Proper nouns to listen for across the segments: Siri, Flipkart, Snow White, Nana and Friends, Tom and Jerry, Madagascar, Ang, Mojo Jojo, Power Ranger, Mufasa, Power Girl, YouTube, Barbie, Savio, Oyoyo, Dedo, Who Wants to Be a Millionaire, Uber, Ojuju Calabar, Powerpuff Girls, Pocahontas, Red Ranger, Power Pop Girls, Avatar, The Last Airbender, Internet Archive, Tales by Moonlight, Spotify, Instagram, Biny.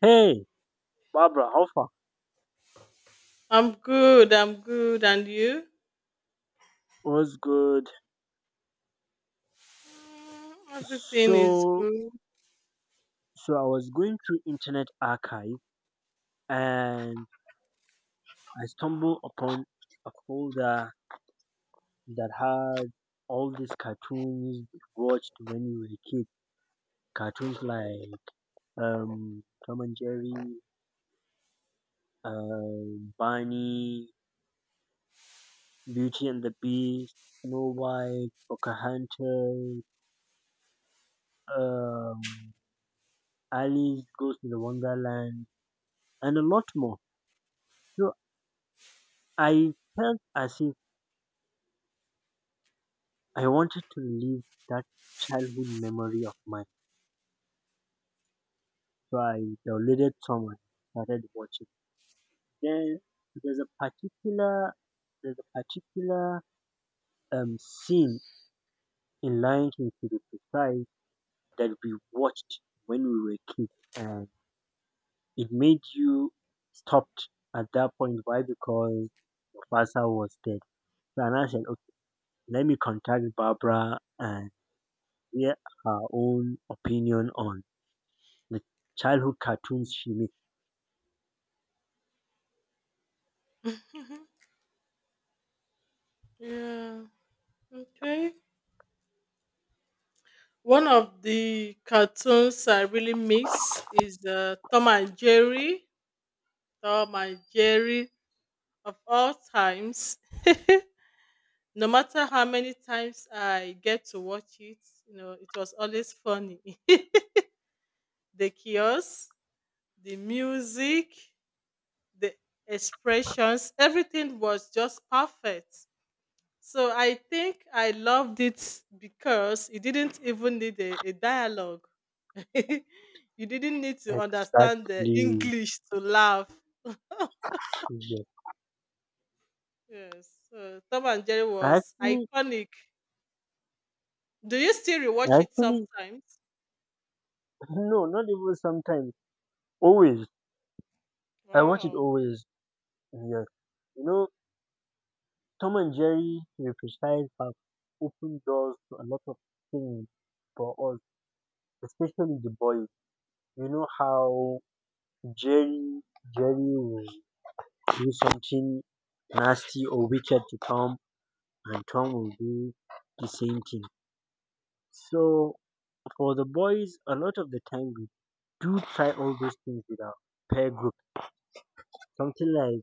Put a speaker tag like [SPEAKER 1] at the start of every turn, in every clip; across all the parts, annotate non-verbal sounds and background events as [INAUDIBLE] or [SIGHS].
[SPEAKER 1] Hey, Barbara, how far?
[SPEAKER 2] I'm good. I'm good. And you?
[SPEAKER 1] What's good?
[SPEAKER 2] Mm, everything is
[SPEAKER 1] So,
[SPEAKER 2] good.
[SPEAKER 1] so I was going through Internet Archive and I stumbled upon a folder that had all these cartoons we watched when we were kids. Cartoons like Tom and Jerry, Barney, Beauty and the Beast, Snow White, Pocahontas, um, Alice Goes to the Wonderland, and a lot more. So I felt as if I wanted to live that childhood memory of mine. So I downloaded some, started watching. Then there's a particular there's a particular scene in Lion King, to be precise, that we watched when we were kids, and it made you stopped at that point. Why? Because Mufasa was dead. So and I said, okay, let me contact Barbara and hear her own opinion on the childhood cartoons she made.
[SPEAKER 2] Yeah. Okay. One of the cartoons I really miss is Tom and Jerry. Tom and Jerry of all times. [LAUGHS] No matter how many times I get to watch it, you know, it was always funny. [LAUGHS] The chaos, the music, the expressions, everything was just perfect. So I think I loved it because you didn't even need a dialogue. [LAUGHS] You didn't need to understand the
[SPEAKER 1] Exactly.
[SPEAKER 2] English to laugh.
[SPEAKER 1] Yeah.
[SPEAKER 2] Yes. So Tom and Jerry
[SPEAKER 1] I
[SPEAKER 2] was
[SPEAKER 1] actually,
[SPEAKER 2] iconic. Do you still
[SPEAKER 1] I
[SPEAKER 2] rewatch it
[SPEAKER 1] actually,
[SPEAKER 2] sometimes?
[SPEAKER 1] no, not even sometimes. Always. I watch it
[SPEAKER 2] Wow.
[SPEAKER 1] always. Yeah. You know, Tom and Jerry, to be precise, have opened doors to a lot of things for us, especially the boys. You know how Jerry, Jerry will do something nasty or wicked to Tom, and Tom will do the same thing. So for the boys, a lot of the time do try all those things with a peer group. Something like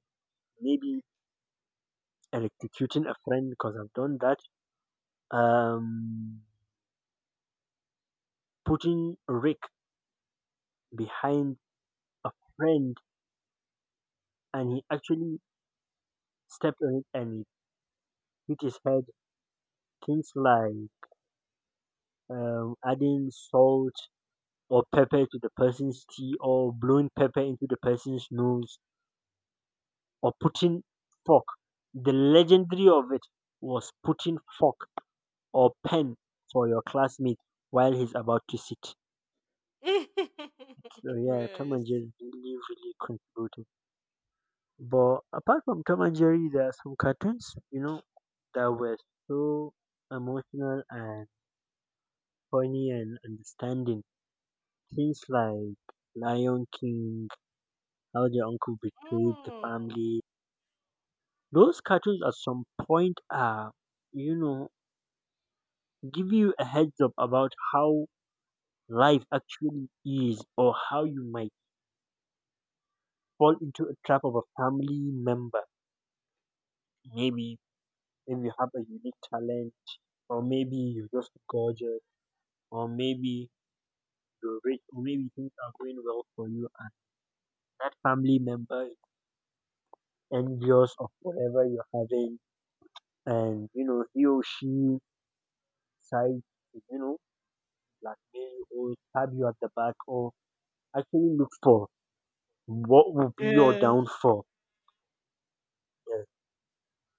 [SPEAKER 1] maybe electrocuting a friend, because I've done that. Um, Putting a rake behind a friend, and he actually stepped on it and it hit his head. Things like adding salt or pepper to the person's tea, or blowing pepper into the person's nose, or putting fork. The legendary of it was putting fork or pen for your classmate while he's about to sit.
[SPEAKER 2] [LAUGHS]
[SPEAKER 1] So yeah, Tom and
[SPEAKER 2] Yes.
[SPEAKER 1] Jerry really, really contributed. But apart from Tom and Jerry, there are some cartoons, you know, that were so emotional and funny and understanding. Things like Lion King, How the Uncle Betrayed the
[SPEAKER 2] Oh.
[SPEAKER 1] Family. Those cartoons at some point are, you know, give you a heads up about how life actually is, or how you might fall into a trap of a family member. Maybe if you have a unique talent, or maybe you're just gorgeous, or maybe you're rich, or maybe things are going well for you, and that family member is envious of whatever you're having, and you know he or she decides to, you know, blackmail you or stab you at the back, or actually look for what will be your
[SPEAKER 2] Yeah.
[SPEAKER 1] downfall. Yes.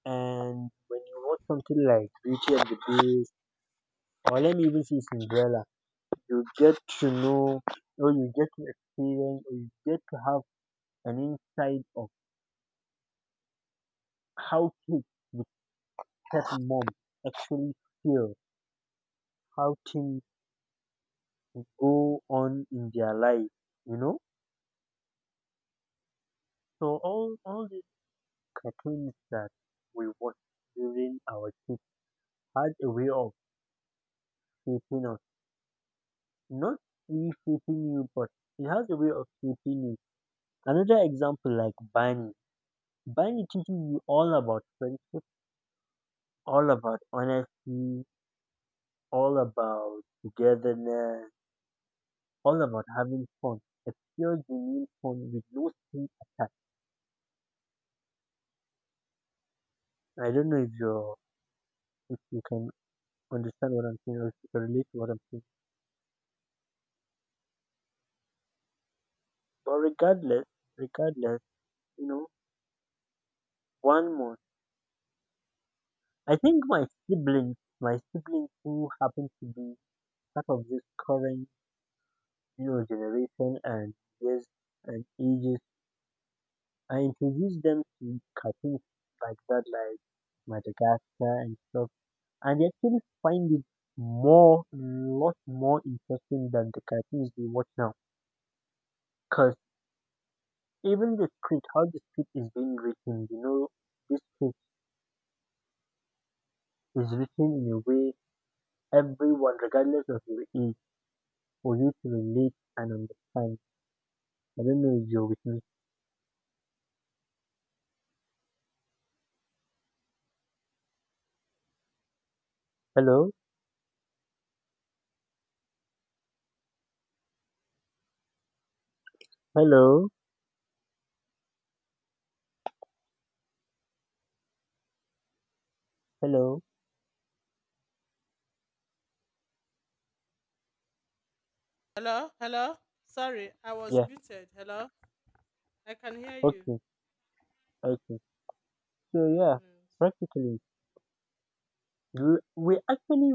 [SPEAKER 1] And when you watch something like Beauty and the Beast, or let me even see Cinderella, you get to know, or you get to experience, or you get to have an insight of how kids with pet [SIGHS] mom actually feel, how things go on in their life, you know? So all these cartoons that we watched during our kids had a way of shaping us. Not really shaping you, but it has a way of shaping you. Another example like Barney. Barney teaches you all about friendship, all about honesty, all about togetherness, all about having fun, a pure genuine fun with no strings attached. I don't know if you, if you can understand what I'm saying, or if you can relate to what I'm saying. But regardless, you know, one more. I think my siblings who happen to be part of this current, you know, generation and years and ages, I introduced them to cartoons like that, like Madagascar and stuff, and they actually find it more, lot more interesting than the cartoons they watch now. Because even the script, how the script is being written, you know, this script is written in a way everyone, regardless of your age, for you to relate and understand. I don't know if you're with me. Hello, hello, hello.
[SPEAKER 2] Hello. Hello. Sorry, I was
[SPEAKER 1] Yeah.
[SPEAKER 2] muted. Hello. I can hear you.
[SPEAKER 1] Okay. Okay. So yeah,
[SPEAKER 2] Yes.
[SPEAKER 1] practically, we actually,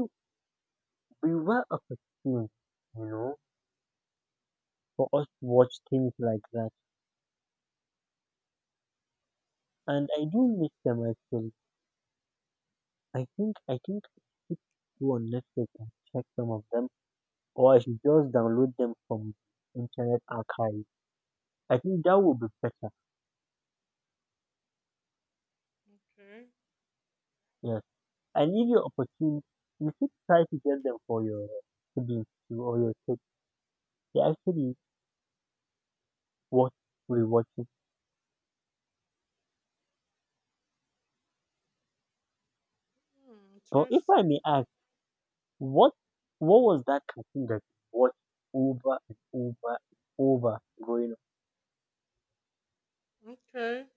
[SPEAKER 1] we were a, you know, for us to watch things like that. And I do miss them actually. I think I should go on Netflix and check some of them, or I should just download them from Internet Archive. I think that would be better.
[SPEAKER 2] Okay.
[SPEAKER 1] Yes, and if you're opportune, you should try to get them for your siblings too or your kids. They actually watch, rewatch it.
[SPEAKER 2] Hmm,
[SPEAKER 1] But if I
[SPEAKER 2] interesting.
[SPEAKER 1] may ask, what what was that cartoon that you watched over and over and over growing up?
[SPEAKER 2] Okay.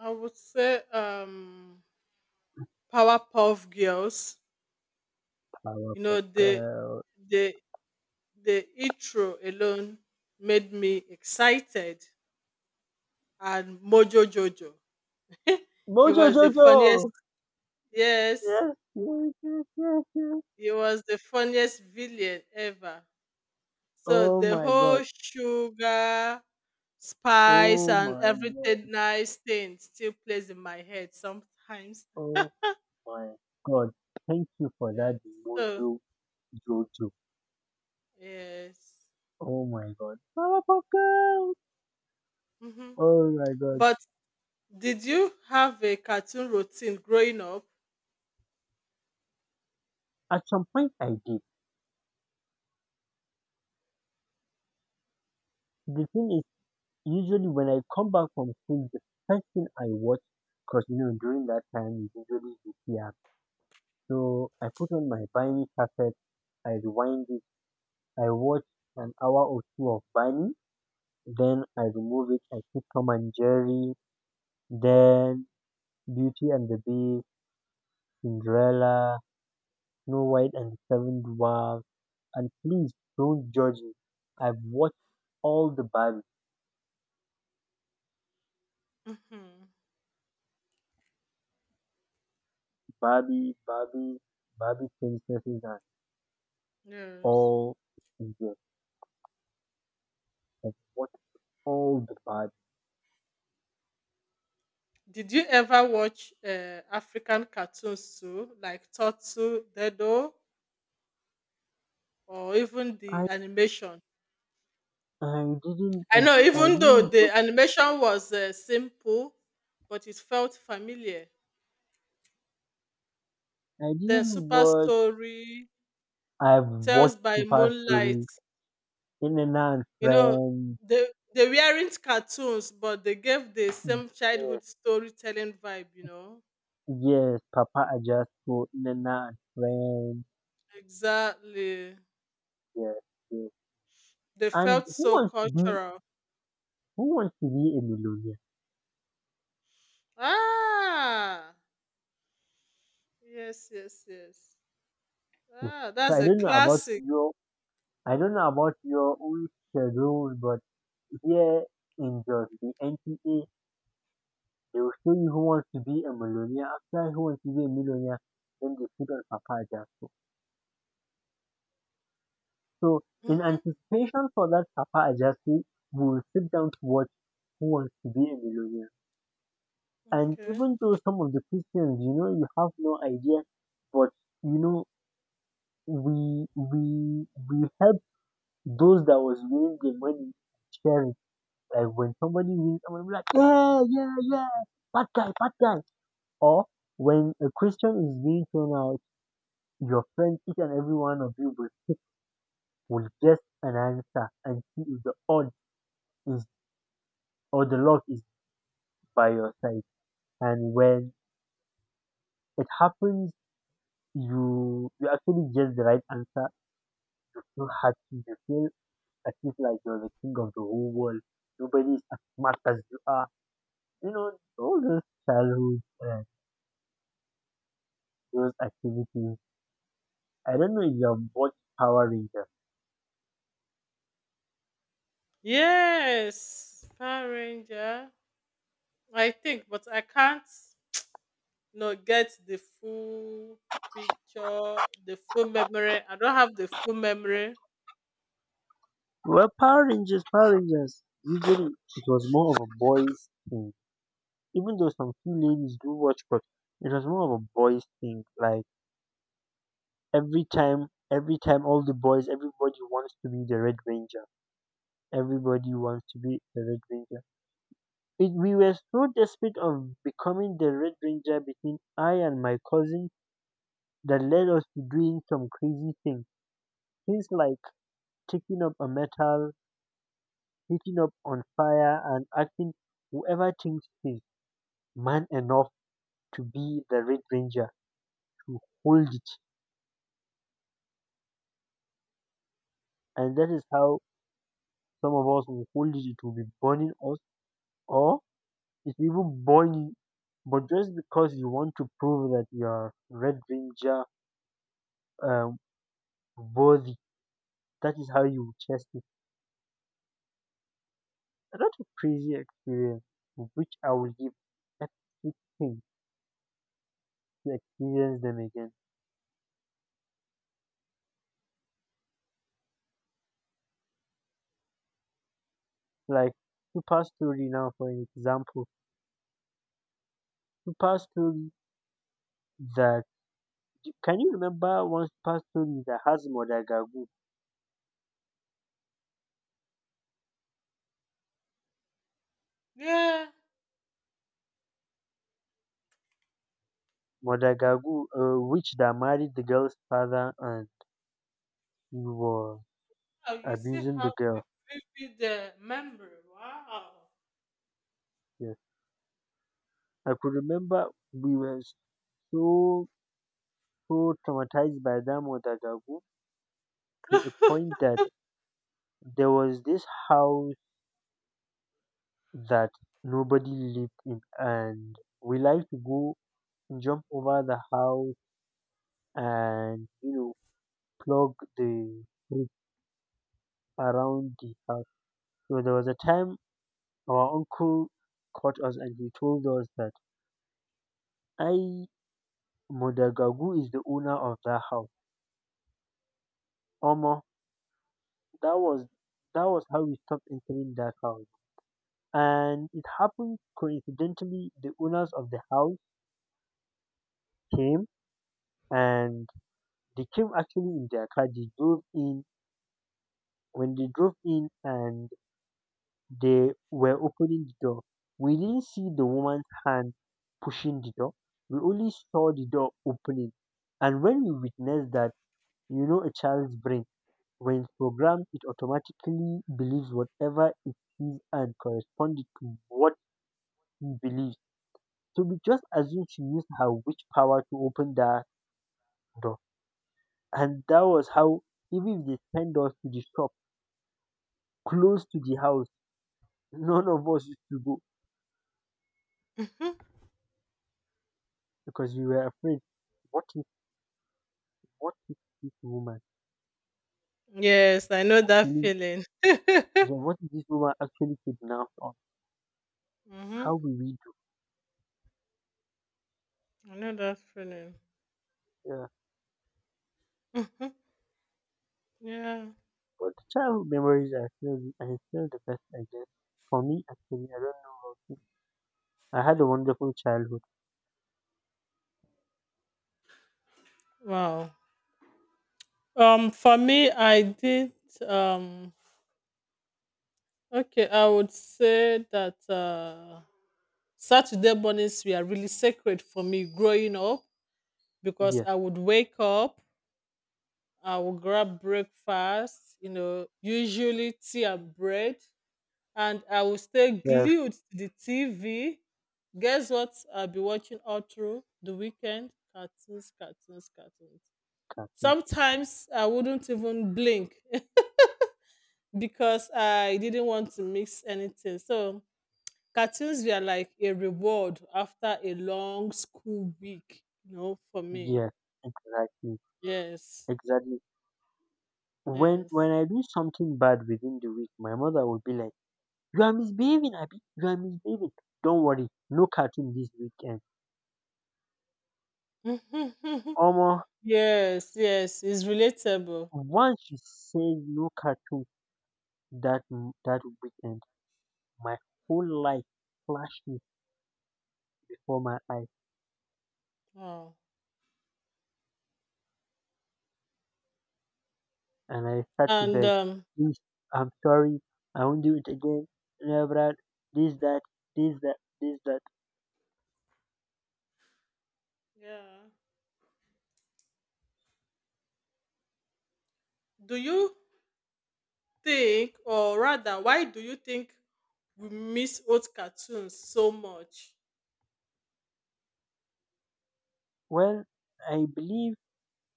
[SPEAKER 2] I would say Powerpuff Girls.
[SPEAKER 1] Power
[SPEAKER 2] You know, the
[SPEAKER 1] Girl,
[SPEAKER 2] the the intro alone made me excited, and Mojo Jojo. He
[SPEAKER 1] Mojo
[SPEAKER 2] was the
[SPEAKER 1] Jojo.
[SPEAKER 2] funniest. Yes,
[SPEAKER 1] Yes, yes, yes, yes, yes.
[SPEAKER 2] he was the funniest villain ever. So
[SPEAKER 1] Oh
[SPEAKER 2] the
[SPEAKER 1] my God.
[SPEAKER 2] whole sugar, spice
[SPEAKER 1] Oh
[SPEAKER 2] and
[SPEAKER 1] my
[SPEAKER 2] everything
[SPEAKER 1] God.
[SPEAKER 2] nice thing still plays in my head sometimes.
[SPEAKER 1] Oh my God. Thank you for
[SPEAKER 2] Yes.
[SPEAKER 1] that
[SPEAKER 2] So
[SPEAKER 1] mojo jojo.
[SPEAKER 2] yes.
[SPEAKER 1] Oh my God. Power Pop Girls.
[SPEAKER 2] Hmm.
[SPEAKER 1] Oh my God.
[SPEAKER 2] But did you have a cartoon routine growing up?
[SPEAKER 1] At some point I did. The thing is, usually when I come back from school, the first thing I watch, because you know, during that time, it's usually the theater. So I put on my Biny cassette, I rewind it, I watch an hour or two of Biny, then I remove it. I keep Tom and Jerry. Then Beauty and the Beast, Cinderella, Snow White and the Seven Dwarfs. And please don't judge me. I've watched all the Barbie,
[SPEAKER 2] Mhm.
[SPEAKER 1] Barbie, Barbie, Barbie princesses and
[SPEAKER 2] Yes.
[SPEAKER 1] all. Yes, I've watched all the Barbie.
[SPEAKER 2] Did you ever watch African cartoons too, like Turtle, Dedo, or even
[SPEAKER 1] I
[SPEAKER 2] the animation?
[SPEAKER 1] I didn't I
[SPEAKER 2] I know,
[SPEAKER 1] di- I
[SPEAKER 2] even though
[SPEAKER 1] didn't watch,
[SPEAKER 2] the animation was simple, but it felt familiar.
[SPEAKER 1] I
[SPEAKER 2] Then
[SPEAKER 1] didn't
[SPEAKER 2] Super
[SPEAKER 1] watch.
[SPEAKER 2] Story,
[SPEAKER 1] I've
[SPEAKER 2] Tales
[SPEAKER 1] watched
[SPEAKER 2] by
[SPEAKER 1] Super
[SPEAKER 2] Moonlight.
[SPEAKER 1] Stories, In and Out and
[SPEAKER 2] You know,
[SPEAKER 1] Friends.
[SPEAKER 2] they they weren't cartoons, but they gave the same
[SPEAKER 1] Yes,
[SPEAKER 2] childhood storytelling vibe. You know.
[SPEAKER 1] yes, Papa Ajasco, Nana and Friends.
[SPEAKER 2] Exactly.
[SPEAKER 1] Yes, yes.
[SPEAKER 2] They
[SPEAKER 1] And
[SPEAKER 2] felt
[SPEAKER 1] who
[SPEAKER 2] so
[SPEAKER 1] wants to be
[SPEAKER 2] cultural.
[SPEAKER 1] who wants to be a millionaire?
[SPEAKER 2] Ah, yes, yes, yes.
[SPEAKER 1] So
[SPEAKER 2] Ah, that's
[SPEAKER 1] I
[SPEAKER 2] a
[SPEAKER 1] don't know about
[SPEAKER 2] classic.
[SPEAKER 1] your I don't know about your own schedule, but here in just the NTA, they will show you who wants to be a millionaire. After who wants to be a millionaire, then they put on Papa Ajasco. So in
[SPEAKER 2] Hmm.
[SPEAKER 1] anticipation for that Papa Ajasco, we will sit down to watch who wants to be a millionaire. And
[SPEAKER 2] Okay.
[SPEAKER 1] even though some of the Christians, you know, you have no idea, but you know, we help those that was winning the money share it. Like when somebody wins, I'm gonna be like, yeah, yeah, yeah, bad guy, bad guy. Or when a Christian is being thrown out, your friends, each and every one of you will pick-, will guess an answer and see if the odd is, or the luck is by your side. And when it happens, you actually guess the right answer, you have to, you feel at least like you're the king of the whole world. Nobody's as smart as you are. You know, all those childhood, those activities. I don't know if you have watched Power Rangers.
[SPEAKER 2] Yes, Power Ranger. I think, but I can't, you get the full picture, the full memory. I don't have the full memory.
[SPEAKER 1] Well, Power Rangers, usually it was more of a boys thing. Even though some few ladies do watch, but it was more of a boys thing. Like every time, every time all the boys, everybody wants to be the Red Ranger. Everybody wants to be the Red Ranger. It, we were so desperate of becoming the Red Ranger between I and my cousin that led us to doing some crazy things. Things like taking up a metal, hitting up on fire, and asking whoever thinks he's man enough to be the Red Ranger to hold it. And that is how some of us will hold it. It will be burning us, or it's even burning. But just because you want to prove that you are Red Ranger um, worthy, that is how you chase it. A lot of crazy experience, which I will give everything to experience them again. Like super story now, for an example, super story that, can you remember one super story that has Modagagu?
[SPEAKER 2] Yeah.
[SPEAKER 1] Modagagu, a witch that married the girl's father and he was
[SPEAKER 2] Oh, you see
[SPEAKER 1] abusing the
[SPEAKER 2] how
[SPEAKER 1] girl.
[SPEAKER 2] vivid the memory. Wow.
[SPEAKER 1] Yes, I could remember we were so so traumatized by that Modagagu to a point
[SPEAKER 2] [LAUGHS]
[SPEAKER 1] that there was this house that nobody lived in, and we like to go jump over the house and, you know, plug the fruit around the house. So there was a time our uncle caught us and he told us that I Modagagu is the owner of that house. Omo, that was that was how we stopped entering that house. And it happened coincidentally the owners of the house came, and they came actually in their car, they drove in. When they drove in and they were opening the door, we didn't see the woman's hand pushing the door. We only saw the door opening. And when we witnessed that, you know, a child's brain, when it's programmed, it automatically believes whatever it sees and corresponds to what he believes. So we just assumed she used her witch power to open that door. And that was how, even if they send us to the shop close to the house, none of us used to go,
[SPEAKER 2] Mhm.
[SPEAKER 1] because we were afraid. What if what if this woman
[SPEAKER 2] Yes, I know that
[SPEAKER 1] really,
[SPEAKER 2] feeling. [LAUGHS]
[SPEAKER 1] yeah, what if this woman actually kidnapped us?
[SPEAKER 2] Mm-hmm.
[SPEAKER 1] How will we do?
[SPEAKER 2] I know that feeling.
[SPEAKER 1] Yeah.
[SPEAKER 2] Mhm. Yeah.
[SPEAKER 1] But the childhood memories are still the-, are still the best I guess. For me actually, I don't know about you. I had a wonderful childhood.
[SPEAKER 2] Wow. For me, I did. Um, okay, I would say that Saturday mornings were really sacred for me growing up, because
[SPEAKER 1] Yes,
[SPEAKER 2] I would wake up, I would grab breakfast, you know, usually tea and bread, and I would stay
[SPEAKER 1] yes,
[SPEAKER 2] glued to the TV. Guess what? I'll be watching all through the weekend. Cartoons, cartoons, cartoons.
[SPEAKER 1] Captain.
[SPEAKER 2] Sometimes I wouldn't even blink [LAUGHS] because I didn't want to mix anything. So cartoons were like a reward after a long school week, you know, for me.
[SPEAKER 1] Yes, exactly.
[SPEAKER 2] Yes.
[SPEAKER 1] Exactly. When
[SPEAKER 2] Yes.
[SPEAKER 1] when I do something bad within the week, my mother will be like, "You are misbehaving, Abby. You are misbehaving. Don't worry, no cartoon this weekend."
[SPEAKER 2] [LAUGHS]
[SPEAKER 1] Omo.
[SPEAKER 2] Yes, yes. It's relatable.
[SPEAKER 1] Once she said no cartoon that weekend, my whole life flashed before my eyes
[SPEAKER 2] Wow.
[SPEAKER 1] and I started to
[SPEAKER 2] And
[SPEAKER 1] beg, "Please, I'm sorry, I won't do it again. No, Brad, this, that, this, that, this, that."
[SPEAKER 2] yeah. Do you think, or rather why do you think we miss old cartoons so much?
[SPEAKER 1] Well, I believe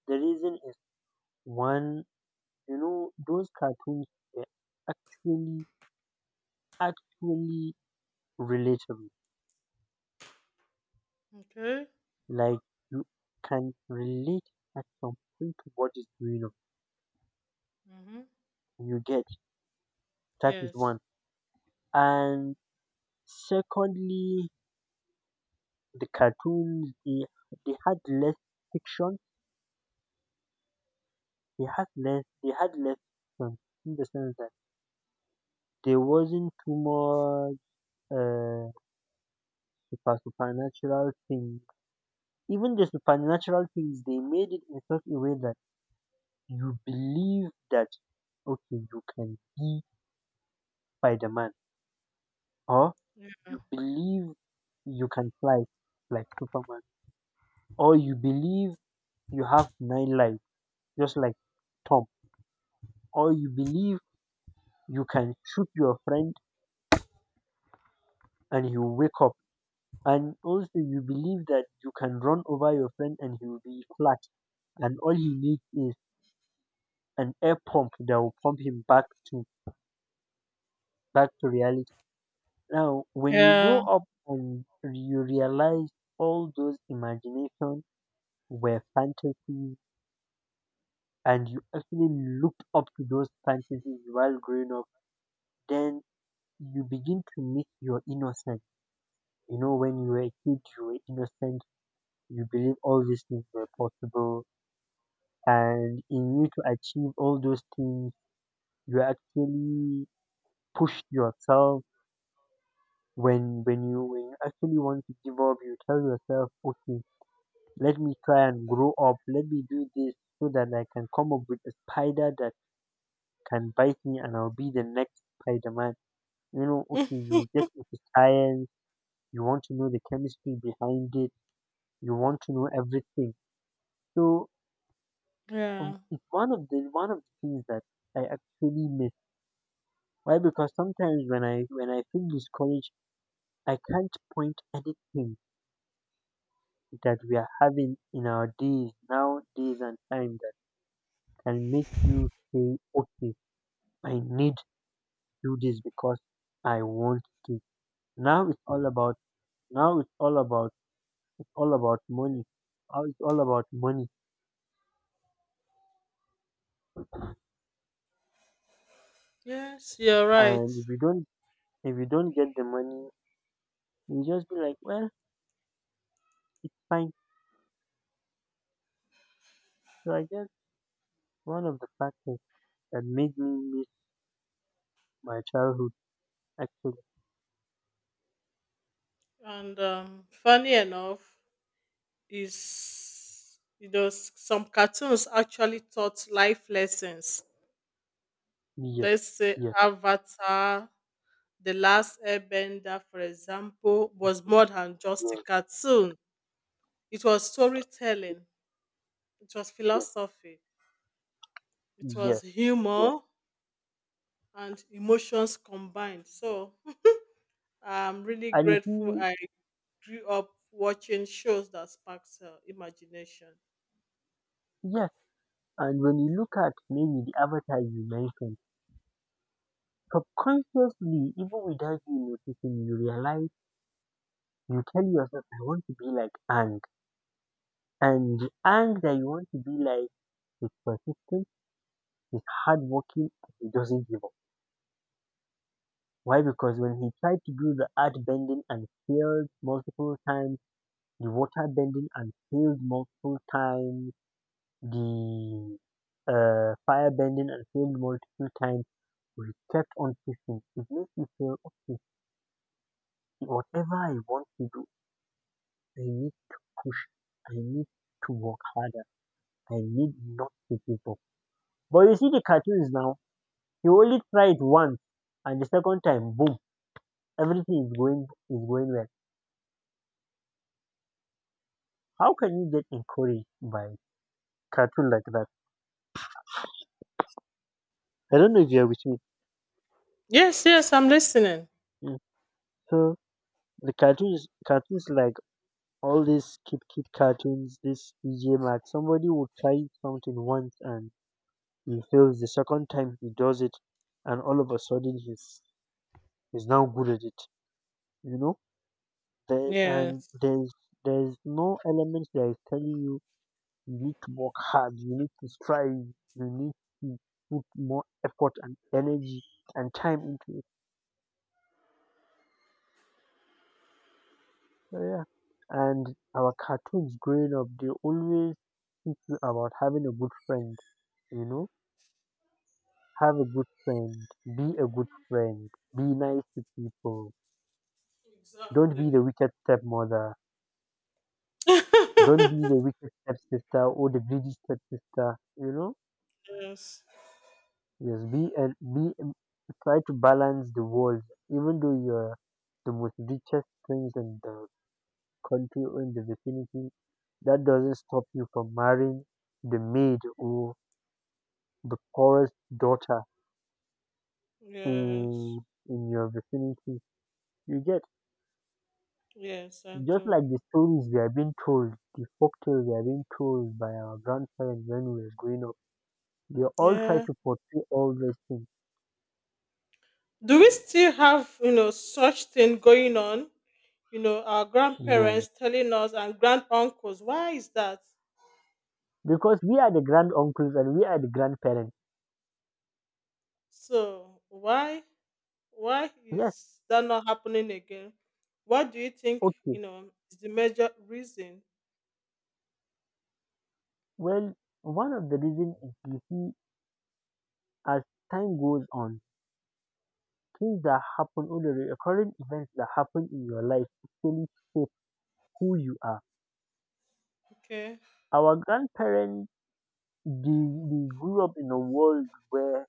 [SPEAKER 1] the reason is one, you know, those cartoons were actually, actually relatable.
[SPEAKER 2] Okay.
[SPEAKER 1] Like, you can relate at some point to what is going
[SPEAKER 2] Mm-hmm.
[SPEAKER 1] on. You get, that is
[SPEAKER 2] Yes.
[SPEAKER 1] one. And secondly, the cartoons they had less fiction. They had less, fiction in the sense that there wasn't too much uh, super supernatural things. Even the supernatural things, they made it in such a way that you believe that okay, you can be Spider-Man, or you believe you can fly like Superman, or you believe you have nine lives just like Tom, or you believe you can shoot your friend and he will wake up, and also you believe that you can run over your friend and he will be flat and all he needs is an air pump that will pump him back to reality now when you
[SPEAKER 2] Yeah.
[SPEAKER 1] grow up and you realize all those imagination were fantasies and you actually looked up to those fantasies while growing up, then you begin to miss your innocence. You know, when you were a kid you were innocent, you believe all these things were possible and in you to achieve all those things you actually push yourself. When you actually want to give up, you tell yourself, okay, let me try and grow up, let me do this so that I can come up with a spider that can bite me and I'll be the next Spider-Man. You know, okay, you get into science, you want to know the chemistry behind it, you want to know everything. So. And
[SPEAKER 2] Yeah.
[SPEAKER 1] it's one of the things that I actually miss. Why? Because sometimes when I feel discouraged, I can't point anything that we are having in our days, now, days and time that can make you say, okay, I need to do this because I want to. Now it's all about now it's all about money. Now it's all about money.
[SPEAKER 2] Yes, you're right.
[SPEAKER 1] And if you don't, get the money, you just be like, well, it's fine. So I guess one of the factors that made me miss my childhood. Actually,
[SPEAKER 2] And funny enough, is you know some cartoons actually taught life lessons.
[SPEAKER 1] yes,
[SPEAKER 2] Let's say
[SPEAKER 1] yes,
[SPEAKER 2] Avatar, The Last Airbender, for example, was more
[SPEAKER 1] yes,
[SPEAKER 2] than just a cartoon. It was storytelling. It was
[SPEAKER 1] yes,
[SPEAKER 2] philosophy. It
[SPEAKER 1] yes, yes,
[SPEAKER 2] was
[SPEAKER 1] yes,
[SPEAKER 2] humor and emotions combined. So [LAUGHS] I'm really
[SPEAKER 1] and you
[SPEAKER 2] grateful.
[SPEAKER 1] see,
[SPEAKER 2] I grew up watching shows that sparks imagination.
[SPEAKER 1] yes. And when you look at maybe the Avatar you mentioned, subconsciously, even without you noticing, you realize you tell yourself, I want to be like Ang, and the Ang that you want to be like is persistent, is hardworking, and he doesn't give up. Why? Because when he tried to do the art bending and failed multiple times, the water bending and failed multiple times, the fire bending and failed multiple times, we kept on pushing. It makes me feel okay. Whatever I want to do, I need push. I need to work harder. I need not to give up. But you see the cartoons now. You only try it once, and the second time, boom, everything is going well. How can you get encouraged by cartoon like that? I don't know if you are with me.
[SPEAKER 2] Yes, yes, I'm listening.
[SPEAKER 1] Mm. So the cartoons like all these Kid cartoons, this DJ Max, somebody will try something once and he fails. The second time he does it, and all of a sudden he's now good at it. You know, there, and
[SPEAKER 2] Yes.
[SPEAKER 1] there's no element that is telling you you need to work hard, you need to strive, you need to put more effort and energy and time into it. So yeah, and our cartoons growing up, they always teach you about having a good friend. You know, have a good friend. Be a good friend. Be nice to people. Don't be
[SPEAKER 2] Exactly.
[SPEAKER 1] the wicked stepmother. Don't be
[SPEAKER 2] [LAUGHS]
[SPEAKER 1] the wicked stepsister or the greedy stepsister. You know,
[SPEAKER 2] Yes.
[SPEAKER 1] yes. Be and be. Try to balance the world, even though you're the most richest prince in the country or in the vicinity. That doesn't stop you from marrying the maid or the poorest daughter in
[SPEAKER 2] Yes.
[SPEAKER 1] in your vicinity. You get.
[SPEAKER 2] Yes, I
[SPEAKER 1] Just
[SPEAKER 2] do.
[SPEAKER 1] like the stories we are being told, the folk tales we are being told by our grandparents when we were growing up, they all try
[SPEAKER 2] Yeah.
[SPEAKER 1] to portray all these things.
[SPEAKER 2] Do we still have, you know, such thing going on? You know, our
[SPEAKER 1] No.
[SPEAKER 2] grandparents telling us and grand uncles, why is that?
[SPEAKER 1] Because we are the grand uncles and we are the grandparents.
[SPEAKER 2] So why
[SPEAKER 1] Yes,
[SPEAKER 2] is that not happening again? What do you think,
[SPEAKER 1] okay.
[SPEAKER 2] you know, is the major reason?
[SPEAKER 1] Well, one of the reasons is, you see, as time goes on, things that happen, all the recurrent events that happen in your life actually shape who you are.
[SPEAKER 2] Okay.
[SPEAKER 1] Our grandparents, they grew up in a world where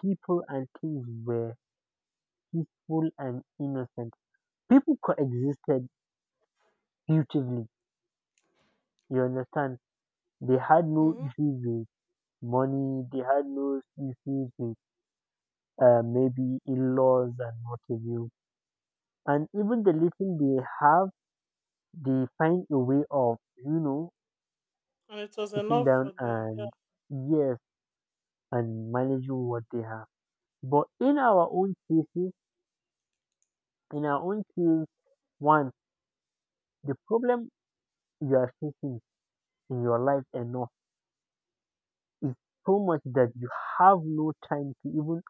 [SPEAKER 1] people and things were peaceful and innocent. People coexisted beautifully. You understand? They had no
[SPEAKER 2] Hmm.
[SPEAKER 1] issues with money. They had no issues with maybe in-laws and what have you. And even the little they have, they find a way of, you know,
[SPEAKER 2] And it was
[SPEAKER 1] sitting
[SPEAKER 2] enough
[SPEAKER 1] down
[SPEAKER 2] for them. Yeah,
[SPEAKER 1] and, yes, and managing what they have. But in our own case, one, the problem you are facing in your life enough is so much that you have no time to even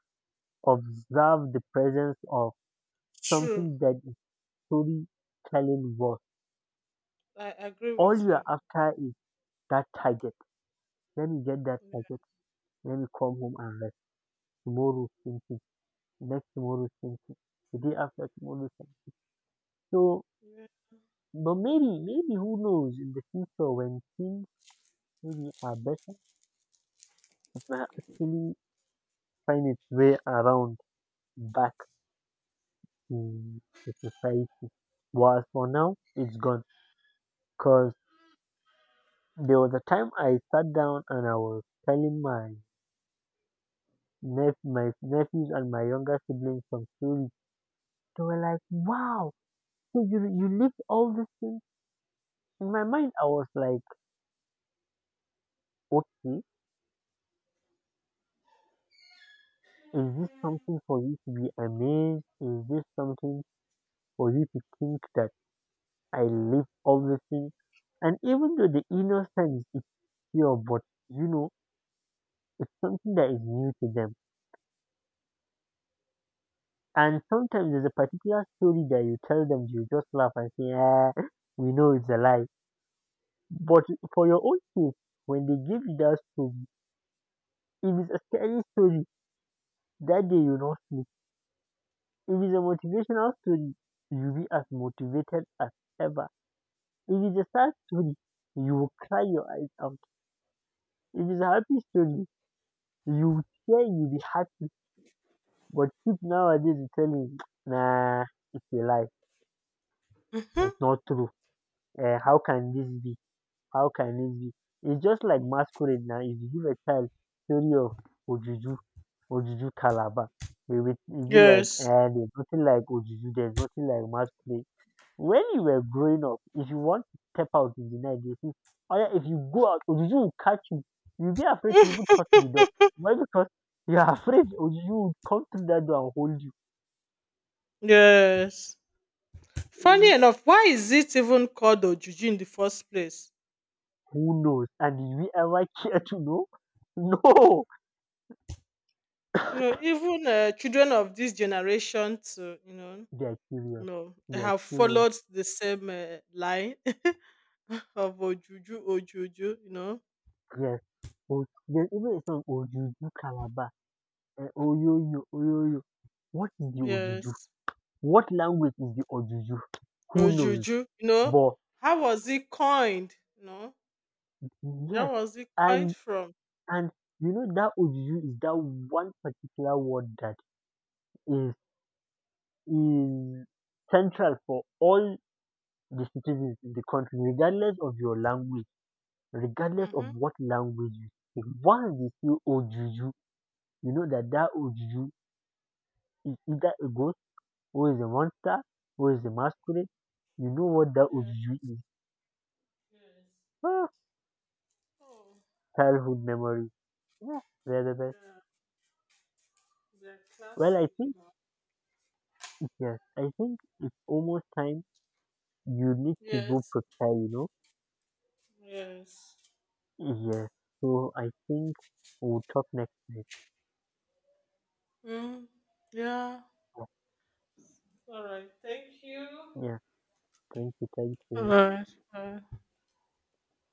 [SPEAKER 1] observe the presence of
[SPEAKER 2] true.
[SPEAKER 1] something that is storytelling was.
[SPEAKER 2] I agree
[SPEAKER 1] All
[SPEAKER 2] with
[SPEAKER 1] you are
[SPEAKER 2] you.
[SPEAKER 1] after is that target. Let me get that target. Let me come home and rest. Tomorrow thinking. Next tomorrow thinking. The day after tomorrow thinking. So, but maybe who knows, in the future when things maybe are better, it might actually find its way around back to the society. But as for now, it's gone. Cause there was a time I sat down and I was telling my my nephews and my younger siblings some stories. They were like, "Wow, so you lived all these things." In my mind, I was like, "Okay, is this something for you to be amazed? Is this something for you to think that I live all these things?" And even though the innocence is pure, but you know, something that is new to them. And sometimes there's a particular story that you tell them, you just laugh and say, "Ah, we know it's a lie." But for your own case, when they give you that story, if it's a scary story, that day you will not sleep. If it's a motivational story, you'll be as motivated as ever. If it's a sad story, you will cry your eyes out. If it's a happy story, you will cheer, you'll be happy. But kids nowadays will tell you, nah, it's a lie. It's not true. Eh, how can this be? How can it be? It's just like masquerade now. If you give a child theory of Ojuju, Ojuju Calabar, they will, it will be like,
[SPEAKER 2] Yes.
[SPEAKER 1] eh, there's nothing like Ojuju, there's nothing like masquerade. When you were growing up, if you want to step out in the night, they say, oh yeah, if you go out, Ojuju will catch you. You'll be afraid to even touch the door. Why? Because you are [LAUGHS] afraid Ojuju will come through that door and hold you.
[SPEAKER 2] Yes.
[SPEAKER 1] Eh,
[SPEAKER 2] Funny enough, why is it even called Ojuji in the first place?
[SPEAKER 1] who knows? And did we ever [LAUGHS] care to know? [LAUGHS] No!
[SPEAKER 2] You know, even children of this generation, too, you know,
[SPEAKER 1] They are curious.
[SPEAKER 2] no, they
[SPEAKER 1] They are
[SPEAKER 2] have
[SPEAKER 1] curious.
[SPEAKER 2] followed the same line [LAUGHS] of Ojuju, Ojuju, you know.
[SPEAKER 1] Yes. Oh, there's even a song, Ojuju Calabar, eh, Oyoyo, Oyoyo. What is the Ojuju?
[SPEAKER 2] Yes.
[SPEAKER 1] What language is the Ojuju? Who knows?
[SPEAKER 2] Ojuju, you know.
[SPEAKER 1] But
[SPEAKER 2] How was it coined? You know, where
[SPEAKER 1] yes,
[SPEAKER 2] was it coined
[SPEAKER 1] and
[SPEAKER 2] from?
[SPEAKER 1] and you know that Ojuju is that one particular word that is is central for all the citizens in the country, regardless of your language, regardless of
[SPEAKER 2] Mm-hmm.
[SPEAKER 1] what language you speak. Once they say Ojuju, you know that that Ojuju is either a go, who is the monster, who is the masquerade. You know what that
[SPEAKER 2] Yeah,
[SPEAKER 1] Ujuju is.
[SPEAKER 2] yes.
[SPEAKER 1] Ah,
[SPEAKER 2] Oh.
[SPEAKER 1] childhood memory. Yeah, they're the best.
[SPEAKER 2] Yeah, they're
[SPEAKER 1] Well, I
[SPEAKER 2] classic, you
[SPEAKER 1] think,
[SPEAKER 2] know.
[SPEAKER 1] yes, I think it's almost time, you need to go
[SPEAKER 2] Yes.
[SPEAKER 1] prepare, you know?
[SPEAKER 2] Yes.
[SPEAKER 1] Yes. So I think we'll talk next time.
[SPEAKER 2] Mm. Yeah.
[SPEAKER 1] Yeah,
[SPEAKER 2] All right. Thank you.
[SPEAKER 1] yeah. Thank you, thank
[SPEAKER 2] All
[SPEAKER 1] you.
[SPEAKER 2] right. All right.